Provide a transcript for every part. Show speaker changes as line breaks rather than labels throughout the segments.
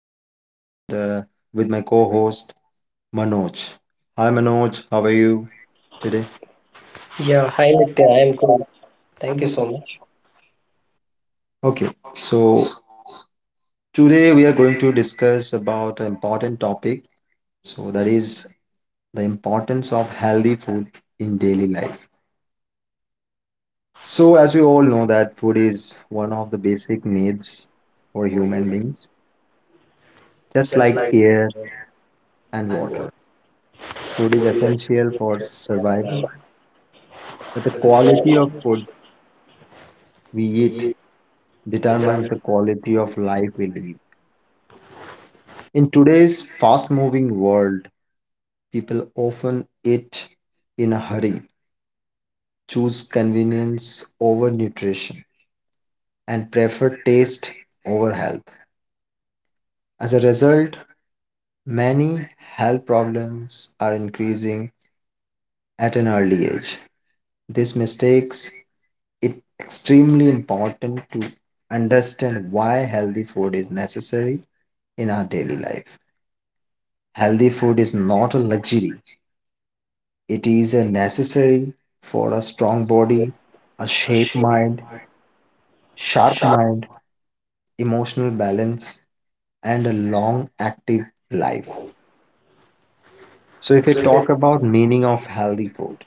your host, and with my co host Manoj. Hi Manoj, how are
You
you
today?
today?
Yeah, hi Nitya, I am good. Thank you so much.
Okay, so today we are going to discuss about an important topic. So, that is the importance of healthy food in daily life. So, as we all know, that food is one
Uh,
of the basic needs for
for you,
human beings, just
just
like
like
air and
and what
water. Food is
fully just
essential for
love
survival, but the
with the
quality
quality
of food we
we eat
eat determines
determine
the quality of life we live. In today's fast moving world, people often eat in a hurry, choose convenience over nutrition, and prefer taste over health. As a result, many health problems are increasing at an early age. This mistakes it extremely important to understand why healthy food is necessary in our daily life. Healthy food is not a luxury, it is a necessary for a strong body, a
a
shape
shape,
mind, sharp
sharp.
mind, emotional balance, and a long active life. So,
So
if we
if it's
talk about meaning of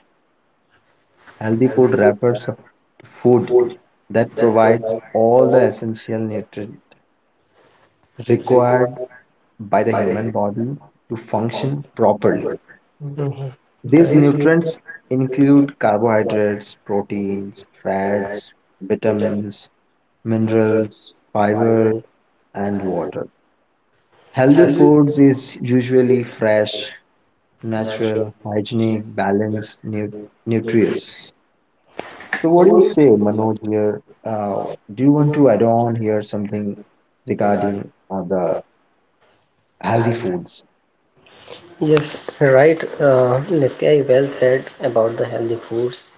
healthy
healthy
food
food,
refers to food
food
that
that provides
provides all
all
the essential
the
nutrients required
required
by the
by the human
human body to
to function
function properly.
properly. Mm-hmm. Correct.
These
These nutrients
nutrients
will
include carbohydrates,
protein,
proteins,
fat,
fats,
vitamin,
vitamins,
mineral,
minerals,
fiber,
fiber, and
and more.
water.
Yes.
Healthy
Healthy
foods
food
is usually fresh,
natural
natural, hygienic, balanced,
nutrients.
nutritious. So,
So
what do you
what is
say,
it like,
Manoj? Here,
uh,
do you want to add on here something
regarding
regarding
the
the healthy
healthy.
foods?
Yes, right. Nitya, you well said about the healthy foods.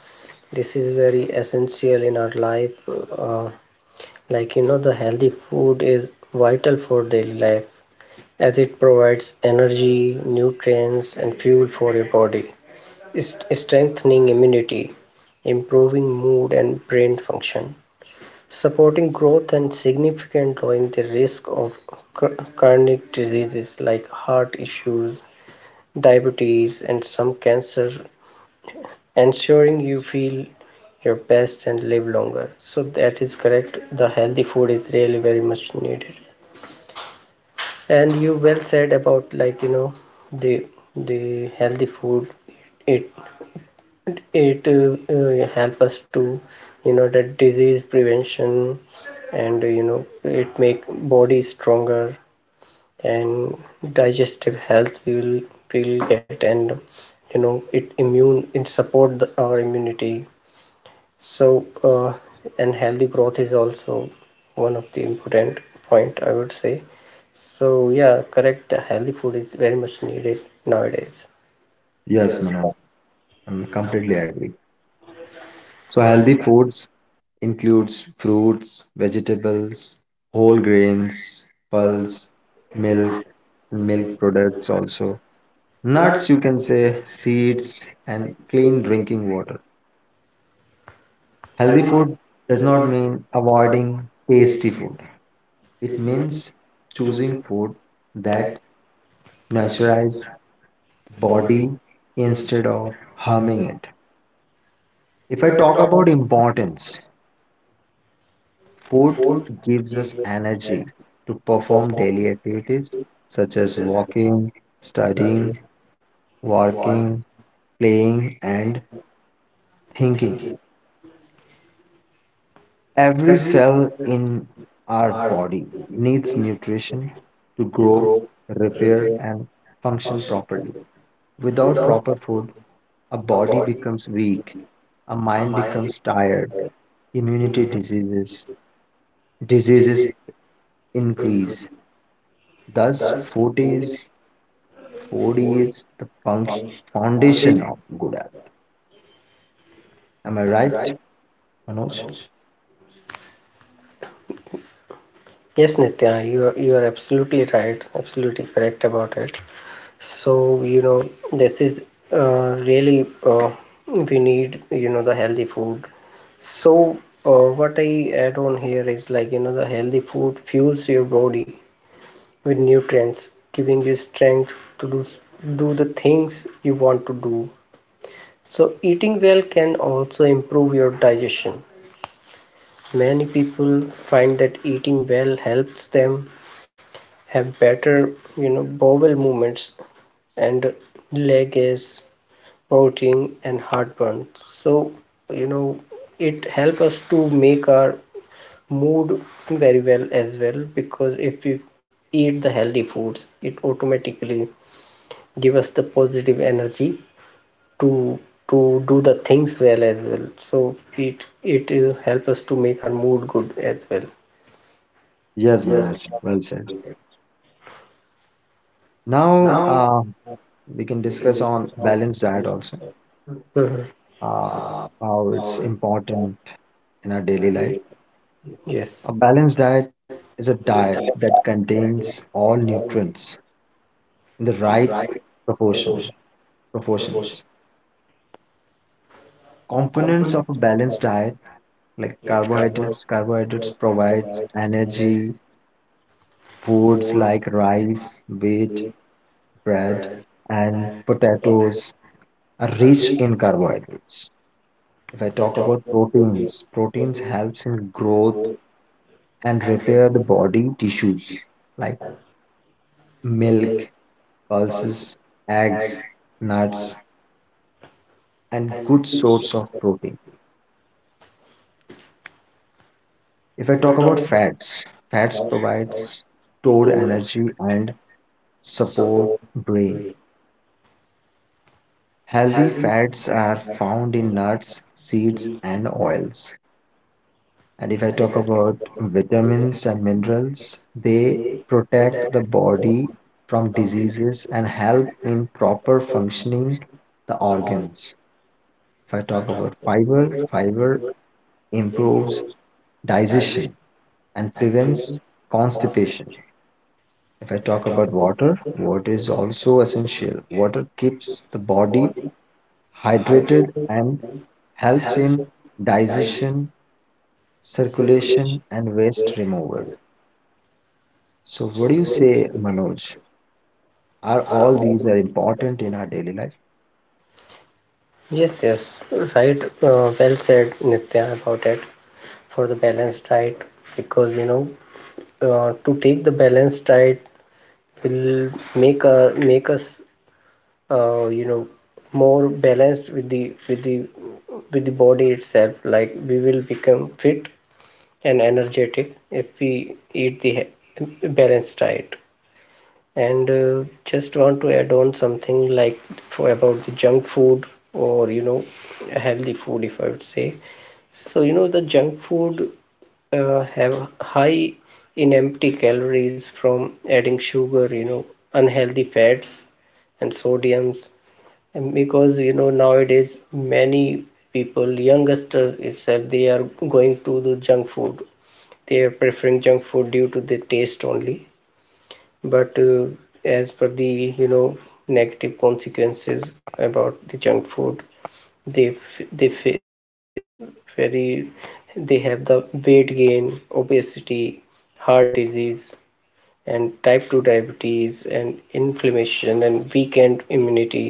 This is very essential in our life. Uh, like, you know, the healthy food is vital for daily life, as it provides energy, nutrients, and fuel for your body. It's strengthening immunity, improving mood and brain function, supporting growth, and significant lowering the risk of chronic diseases like heart issues, diabetes, and some cancer, ensuring you feel your best and live longer. So that is correct. The healthy food is really very much needed. And you well said about, like, you know, the the healthy food. It it uh, uh, help us to, you know, that disease prevention. And you know, it make body stronger, and digestive health we will get. And you know, it immune, it support our immunity. So and healthy growth is also one of the important point, I would say. So yeah, correct, the healthy food is very much needed nowadays.
Yes,
Yes.
Manoj, I'm completely agree. So,
So
healthy
healthy
foods includes fruits, vegetables, whole grains,
people,
pulse,
milk,
milk, milk
make
products also. Nuts,
nuts,
you can say
vegetables, seeds,
seeds
and
and clean
cereals.
drinking water. Healthy
Healthy
food
food
does
is
not
not
mean
require
avoiding tasty
tasty;
food. It
it means
means choosing
choosing
food that
that natural
nurtures the
body
body instead
instead
of
of
harming
honey.
it. If I
If I
talk
talk
about
about
importance, food
food,
gives
gives
us
us energy
energy to
to
perform
perform
daily activities
activities
such
such
as
as
walking,
studying,
studying,
work,
working,
playing,
playing, and thinking.
thinking.
Every
Every
cell
cell
in our
are
body needs
needs
nutrition to
to
grow,
grow,
repair,
repair,
and function
function
properly.
properly.
Without
Without
proper food, a
a
body
body,
becomes weak, a
a
mind
mild,
becomes tired,
uh,
immunity
immune
diseases,
disease
diseases increase.
increase,
Thus,
thus putting
food is 4D
folding
is the function, foundation
foundation.
of good health. Am I
Am I
right,
right,
Manoj?
Manoj? Yes, Nitya, you are absolutely right, absolutely correct about it. So, you know, this is really we need, you know, the healthy food. So, uh, what I add on here is, like, you know, the healthy food fuels your body with nutrients, giving you strength to do the things you want to do. So, eating well can also improve your digestion. Many people find that eating well helps them have better, you know, bowel movements and leg aches, bloating, and heartburn. So, you know, it helps us to make our mood very well as well, because if we eat the healthy foods, it automatically gives us the positive energy to to do the things well as well. So it help us to make our mood good as well.
Yes,
Yes.
Manoj. Well said. Now
Now
uh, we can
we can
discuss
discuss
on
about
balanced diet also,
management. Mhm.
uh,
uh,
how
our
it's
diet
important in our
in our
daily
daily.
life.
Yes.
A
A
balanced
balanced
diet
diet
is a
is a
diet
diet
that
that we
contains all
all
nutrients in the
in the
right
right proportion,
proportion,
proportion.
proportions. Components of a
Components of
balanced
diet
diet like
like
carbohydrates. Carbohydrates
carbohydrates,
provides
carbohydrates, energy,
energy. Foods
food,
like rice, wheat,
waste.
bread,
Bread
and
and put up with
potatoes are
a
rich
reach
in carbohydrates. If I
the
talk about
doctor protein,
proteins, proteins
looking
helps in growth
wool,
and
and
repair the
reported
body tissues like
milk,
milk,
pulses,
pulses, eggs,
eggs,
nuts,
nuts,
and
and
good
good source.
source of protein. If I
If I
talk about
talk about
fats, fats
house, I
provides stored
told and
energy and support
support
brain.
green,
Healthy
healthy,
fats are
nuts,
found
and
in
nuts,
nuts, seeds,
sweet,
and
no.
oils. And if I
And if I
talk
talk
about
about vitamin,
vitamins and minerals, they
they
protect
protect
the
or
body from
complete.
diseases and help in proper
So,
functioning the
the all.
organs. If I
If I
talk
talk
about
about
fiber, fiber improves
improves digestion
digestion and
and
prevents
prevent
constipation.
constipation.
If I
If I
talk
talk
about
about
water,
water,
water is
water
also essential. Water keeps the
keeps the
body
body
hydrated
hydrated
and
and
helps
helps
in
digestion,
digestion, circulation,
circulation,
and waste
waste.
removal. So, what
So
do you
worms
say, Manoj? Are
are
all
all.
these are important in our daily life?
Yes, yes, right. Well said, Nitya, about it for the balanced diet, because you know, to take the balanced diet will make, make us, you know, more balanced with the body itself. Like, we will become fit and energetic if we eat the balanced diet. And just want to add on something, like, for about the junk food, or you know, healthy food, if I would say. So you know, the junk food, have high in empty calories from adding sugar, you know, unhealthy fats and sodiums. And because you know, nowadays many people, youngsters itself, they are going to the junk food. They are preferring junk food due to the taste only. But as per the, you know, negative consequences about the junk food, they they they very they have the weight gain, obesity, heart disease, and type 2 diabetes, and inflammation and weakened immunity.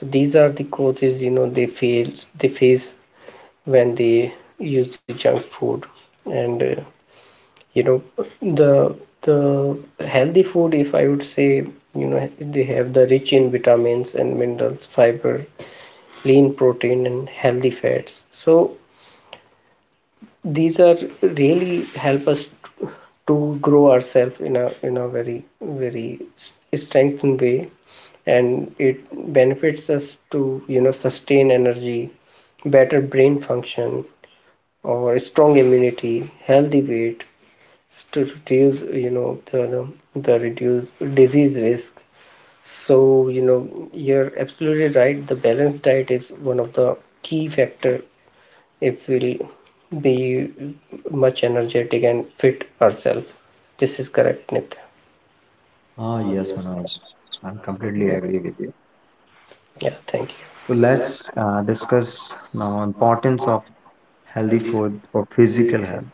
So these are the causes, you know, they face when they use the junk food. And you know, the the healthy food, if I would say, you know, they have the rich in vitamins and minerals, fiber, lean protein, and healthy fats. So these are really help us to grow ourselves in a very, very strengthened way. And it benefits us to, you know, sustain energy, better brain function, or strong immunity, healthy weight, to reduce, you know, the reduce disease risk. So you know, you're absolutely right, the balanced diet is one of the key factor if we will be much energetic and fit ourselves. This is correct, Nitya.
Ah,
Ah,
yes,
yes, ma'am.
Manoj. I'm
I'm
completely
comfortable.
agree with you.
Yeah, thank you.
So
So let's,
let's
uh,
discuss now importance of healthy
healthy
food for
food.
physical health.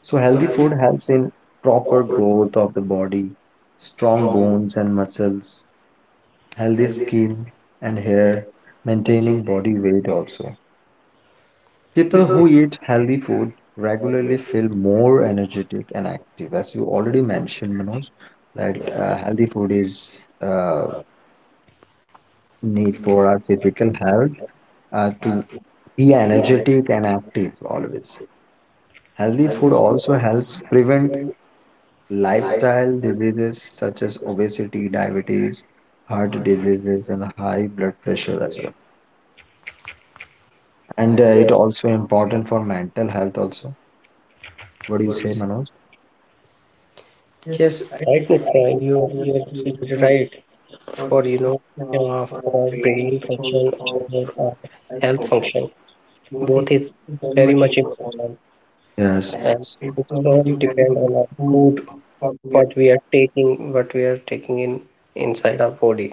So
So
healthy
healthy
food
food,
helps in proper growth of the body, strong
strong,
bones and muscles, healthy
healthy
skin and
and
hair,
maintain
maintaining body weight also. People who
people
eat healthy food
who
regularly
regularly.
feel more energetic and active. As you already mentioned, Manoj, that
Yes.
healthy food is
uh,
need
Meat,
for our physical health
uh, uh,
to be
tea
energetic and active always. Healthy
healthy
food
food
also
also
helps prevent
improve
lifestyle
lifestyle
diseases such as obesity, diabetes, heart
hard to do.
diseases, and high blood pressure as well. And
And
it also important for mental health also. What do you
what do you
say,
say?
Manoj?
Yes, right, Nitya, you're absolutely right. For you know, for brain function, or health function, both is very much important.
Yes,
Yes, and it's all depend on our food, what we are taking, what we are taking in inside our body.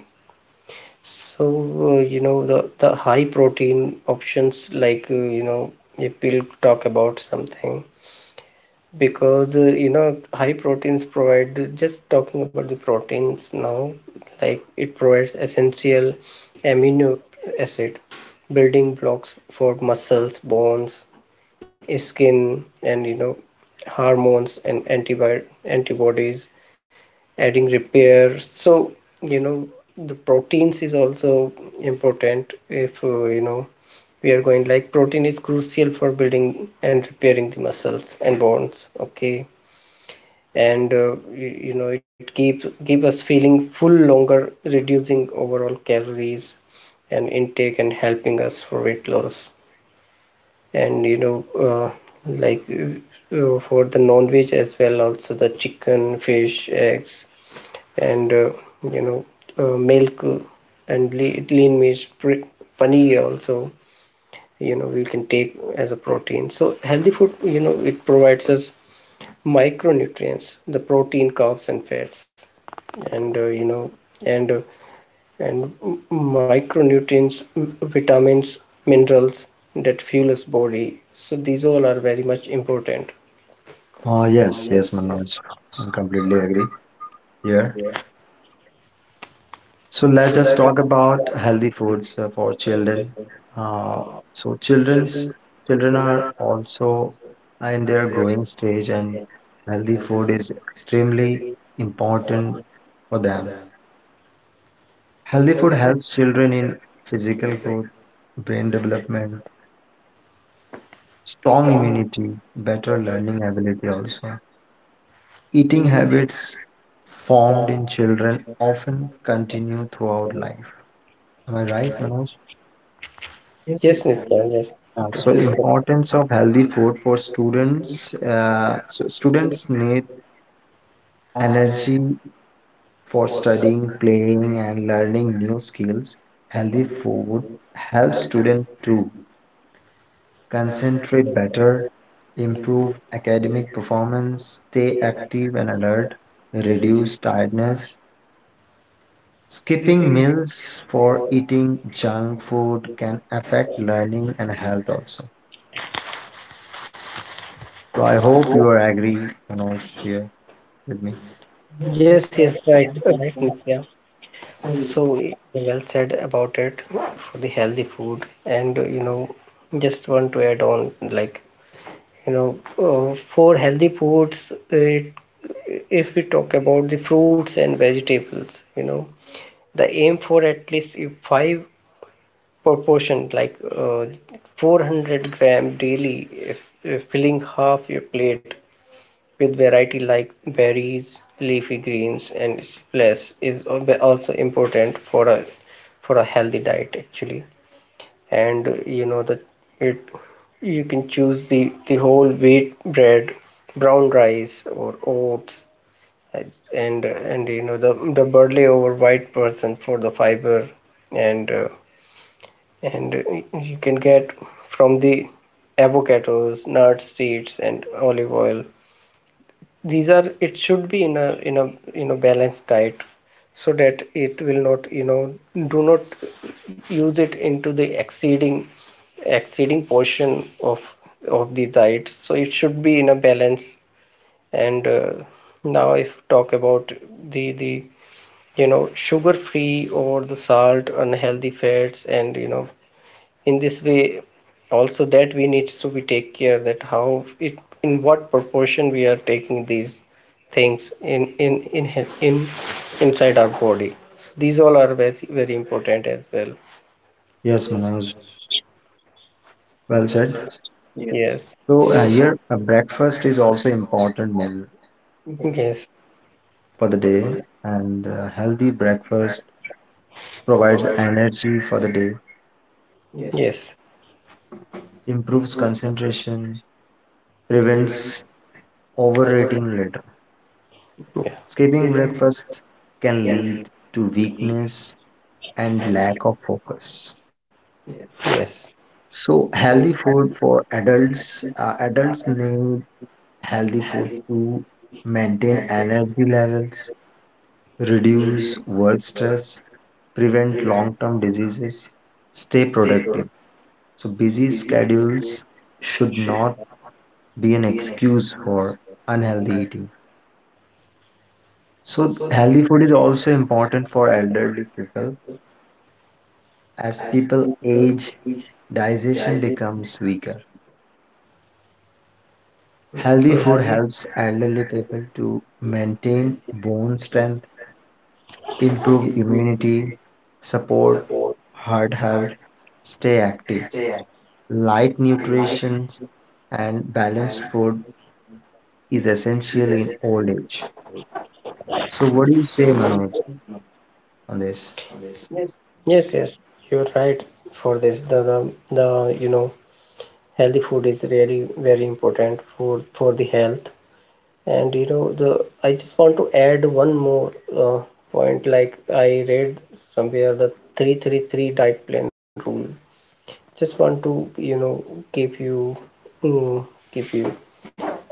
So you know, the high protein options, like you know, if we'll talk about something, because you know, high proteins provide, just talking about the proteins now, like it provides essential amino acid, building blocks for muscles, bones, skin, and you know, hormones and antibodies, adding repair. So you know, the proteins is also important. If you know, we are going, like, protein is crucial for building and repairing the muscles and bones, okay. And you, you know, it keeps keep us feeling full longer, reducing overall calories and intake, and helping us for weight loss. And you know, like for the non-veg as well also, the chicken, fish, eggs, and you know, milk and lean meats, paneer also, you know, we can take as a protein. So healthy food, you know, it provides us micronutrients, the protein, carbs, and fats, and you know, and uh, and micronutrients, vitamins, minerals that fuel us body. So these all are very much important. Oh,
yes,
yes, yes.
Manoj. I completely agree here. So
So
let's just
let
talk about healthy foods for children. Uh, so children are also in
I
their
there
growing stage, and healthy
healthy
food is extremely important for
for
them.
them.
Healthy food
Healthy for
helps children in physical growth, brain development, strong
strong
immunity, better learning ability also. Eating
eating,
habits formed in children often continue throughout life. Am I
am I
right,
right?
Manoj?
Yes, Nitya, yes.
So
This is so correct.
importance of healthy food for students. So students need
Energy
energy for
for
studying,
studying,
playing, and learning new skills. Healthy
healthy
food helps
health,
students to
concern
concentrate better, improve
improve,
academic performance, stay active and alert, reduce
reduce.
tiredness. Skipping meals for eating junk food can affect learning and health also. So I
I
hope you
hope.
are agree, Manoj, here with me.
Yes, yes, right, right, Nitya. So eh, well said about it for the healthy food, and you know, just want to add on, like, you know, for healthy foods, it, if we talk about the fruits and vegetables, you know, the aim for at least eh, five proportion, like 400-gram daily, if filling half your plate with variety like berries, leafy greens, and splash is also important for a healthy diet actually. And you know that it, you can choose the whole wheat bread, brown rice, or oats, and you know, the barley over white person for the fiber. And and you can get from the avocados, nuts, seeds, and olive oil. These are, it should be in a you know, balanced diet, so that it will not, you know, do not use it into the exceeding portion of the diet. So it should be in a balance. And now if talk about the you know, sugar free or the salt, unhealthy fats and you know, in this way also, that we need to be take care that how it, in what proportion we are taking these things inside our body. So these all are very, very important as well.
Yes,
Yes,
Manoj.
Manoj.
Well
Well
said.
said. Yes.
So
So,
here, a breakfast is also important meal
yes,
for the
for the
day,
day
and healthy breakfast provides
provides,
energy for the day,
yes,
improves concentration,
prevent
prevents
over.
overeating later.
Yeah.
Skipping
Skipping
breakfast can
can lead
lead to
to weak.
weakness and lack of focus.
Yes.
So
So,
healthy food for adults, adults need healthy food
healthy,
to maintain
maintain,
energy levels,
reduce,
reduce work stress, prevent
prevent,
long-term diseases, stay
stay productive.
productive. So
So,
busy
busy
schedules should not be an excuse
DNA.
for unhealthy eating. So
So
healthy food is also important for elderly people. As
as
people
people
age,
which
digestion
dies in.
becomes weaker. Healthy
Hmm.
food
Healthy
helps elderly people to maintain bone strength, improve
input,
immunity, support
support
heart health,
heart,
stay
stay
active. Light
active, light
nutrition and
and
balanced food is
is
essential in
essential.
old age. So, what do you
So
say,
very
Manoj,
important.
on this?
Yes, yes, you're right for this. The you know, healthy food is really very important for the health. And you know, the I just want to add one more uh, point. Like, I read somewhere, the 333 diet plan rule. Just want to, you know, give you, mm, give you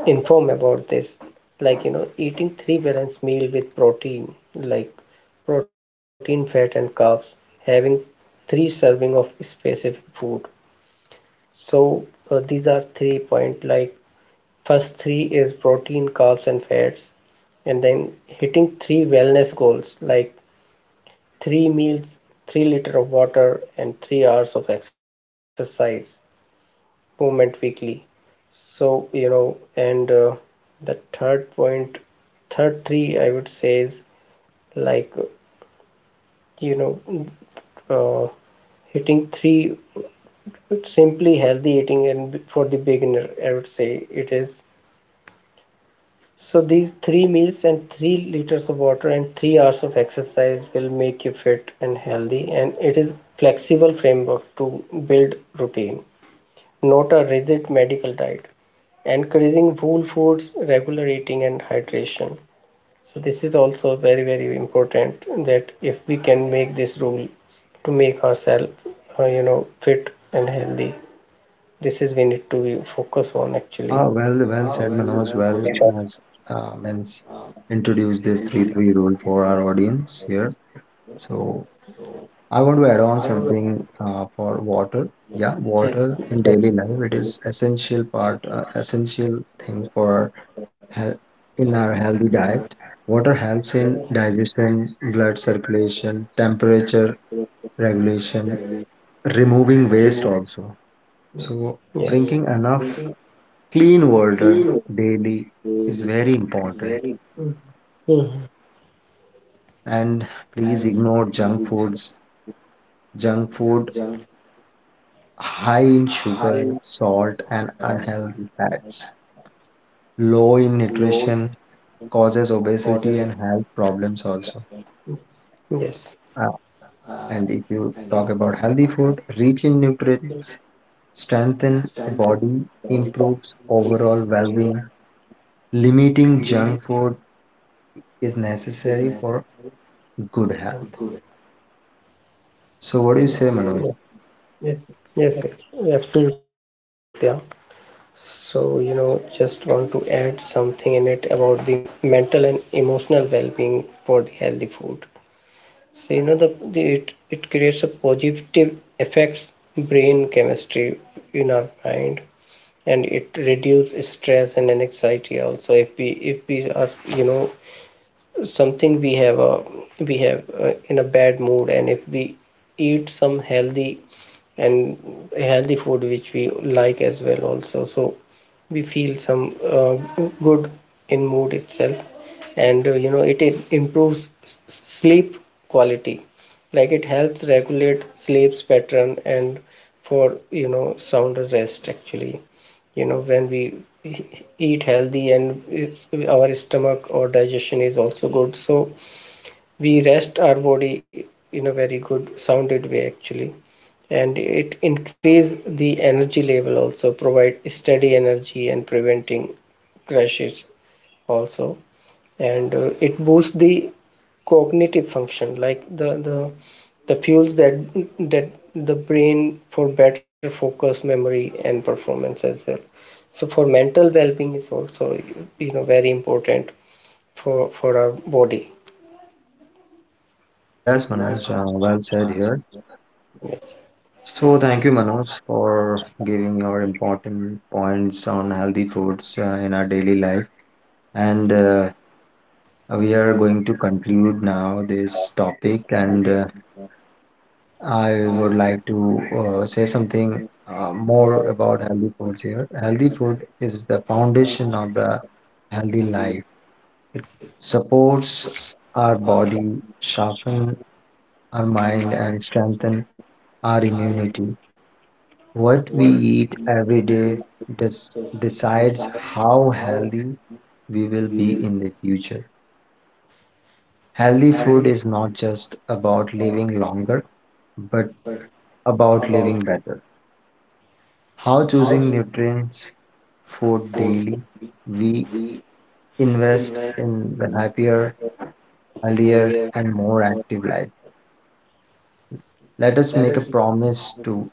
inform about this. Like, you know, eating three balanced meal with protein, like protein, fat, and carbs, having three serving of specific food. So these are three point, like, first three is protein, carbs, and fats, and then hitting three wellness goals, like 3 meals, 3 liter of water, and 3 hours of exercise movement weekly. So you know, and the third point, third three, I would say, is like, you know, uh, hitting three simply healthy eating. And for the beginner, I would say it is, so these 3 meals and 3 liters of water and 3 hours of exercise will make you fit and healthy. And it is flexible framework to build routine, not a rigid medical diet. Encouraging whole foods, regular eating, and hydration. So, this is also very, very important, that if we can make this rule to make ourselves, you know, fit and healthy, this is we need to be focus on actually.
Ah, well,
Yeah,
well said,
well,
Manoj.
well said.
Well, as means
um,
introduce this three
Introduced.
three rule for our audience here. So,
So,
I want to add
I
on
want
something for water. Yeah, yes, water in daily life it is essential part, essential thing for
to
health
add
in our
my
healthy diet. Water helps in digestion, blood circulation, temperature regulation,
remove.
removing waste also. Yes.
Yes.
So
So
drinking
drinking
enough
clean
clean
water
water
daily
daily is
is
very
very.
important.
Mhm. And
And please
with
ignore junk foods. Junk
junk,
food high in
high
sugar,
or
salt, and unhealthy fats. Low
low
in nutrition causes
causes of.
obesity and health problems also.
Yes.
Uh,
uh,
and if
and the
you talk about healthy food, rich in nutrients, strengthen
strength of
the body,
body,
improves overall well-being. Limiting
limit
junk food is
is not
necessary for good health.
good.
So what do you say,
So yeah.
Manoj?
Yes, yes, absolutely right, Nitya. So, you know, just want to add something in it about the mental and emotional well-being for the healthy food. So, you know, the it it creates a positive effects brain chemistry in our mind. And it reduces stress and anxiety also, if we, if we are, you know, something, we have a, we have, in a bad mood, and if we eat some healthy, and healthy food which we like as well also, so we feel some, good in mood itself. And you know, it improves sleep quality, like it helps regulate sleep's pattern and for, you know, sound rest actually. You know, when we e- eat healthy and it's, our stomach or digestion is also good, so we rest our body in a very good sounded way actually. And it increase the energy level also, provide steady energy and preventing crashes also. And it boosts the cognitive function, like the fuels that the brain for better focus, memory, and performance as well. So for mental well-being is also, you know, very important for our body.
Yes,
Yes,
Manoj,
ma'am.
well said here.
Yes.
So thank you,
So thank you, ma'am.
Manoj, for giving your important points on healthy foods in our daily life. And
And
we are
we
going
are
to
going.
conclude now this topic. And I
I
would
want
like to say something more
more
about healthy foods here. Healthy food is the foundation of the healthy life.
healthy
It supports
supports
our
our body
body, sharpen our
and
mind,
my
and strengthen our
are in
immunity. What we
what
eat every
we
day des-
is
decides
decide
how
how
healthy we will
we
be
will
in the future. Healthy food
healthy
is not just about
about
living
it,
longer, but
but
about
about
living
it,
better. How
how
choosing
to
nutrients food
food
daily, we
we
invest
invest
in the
in
happier,
the
healthier,
healthier
and more
world.
active life. Let us
Let
make a
us
promise to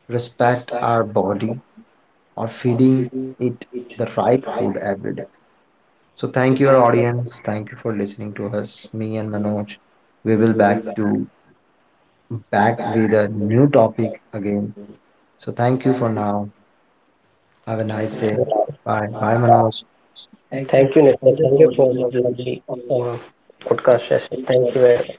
respect
respect
our
the body
body or
or
feeding
feeding
it
it
the
the
right food
right
every day.
way.
So thank
So
you, our
thank you.
audience. Thank you for listening to us, me and
Everyone.
Manoj. We will
We will back
back
back
with
to
a
the
new topic
talk
again.
soon.
So thank
So
you for
thank you.
now. Have a
Have
nice
a
day.
nice
Bye. Bye,
bye.
Manoj.
Thank you, Nitya. Thank you for the lovely uh, podcast session. Thank you very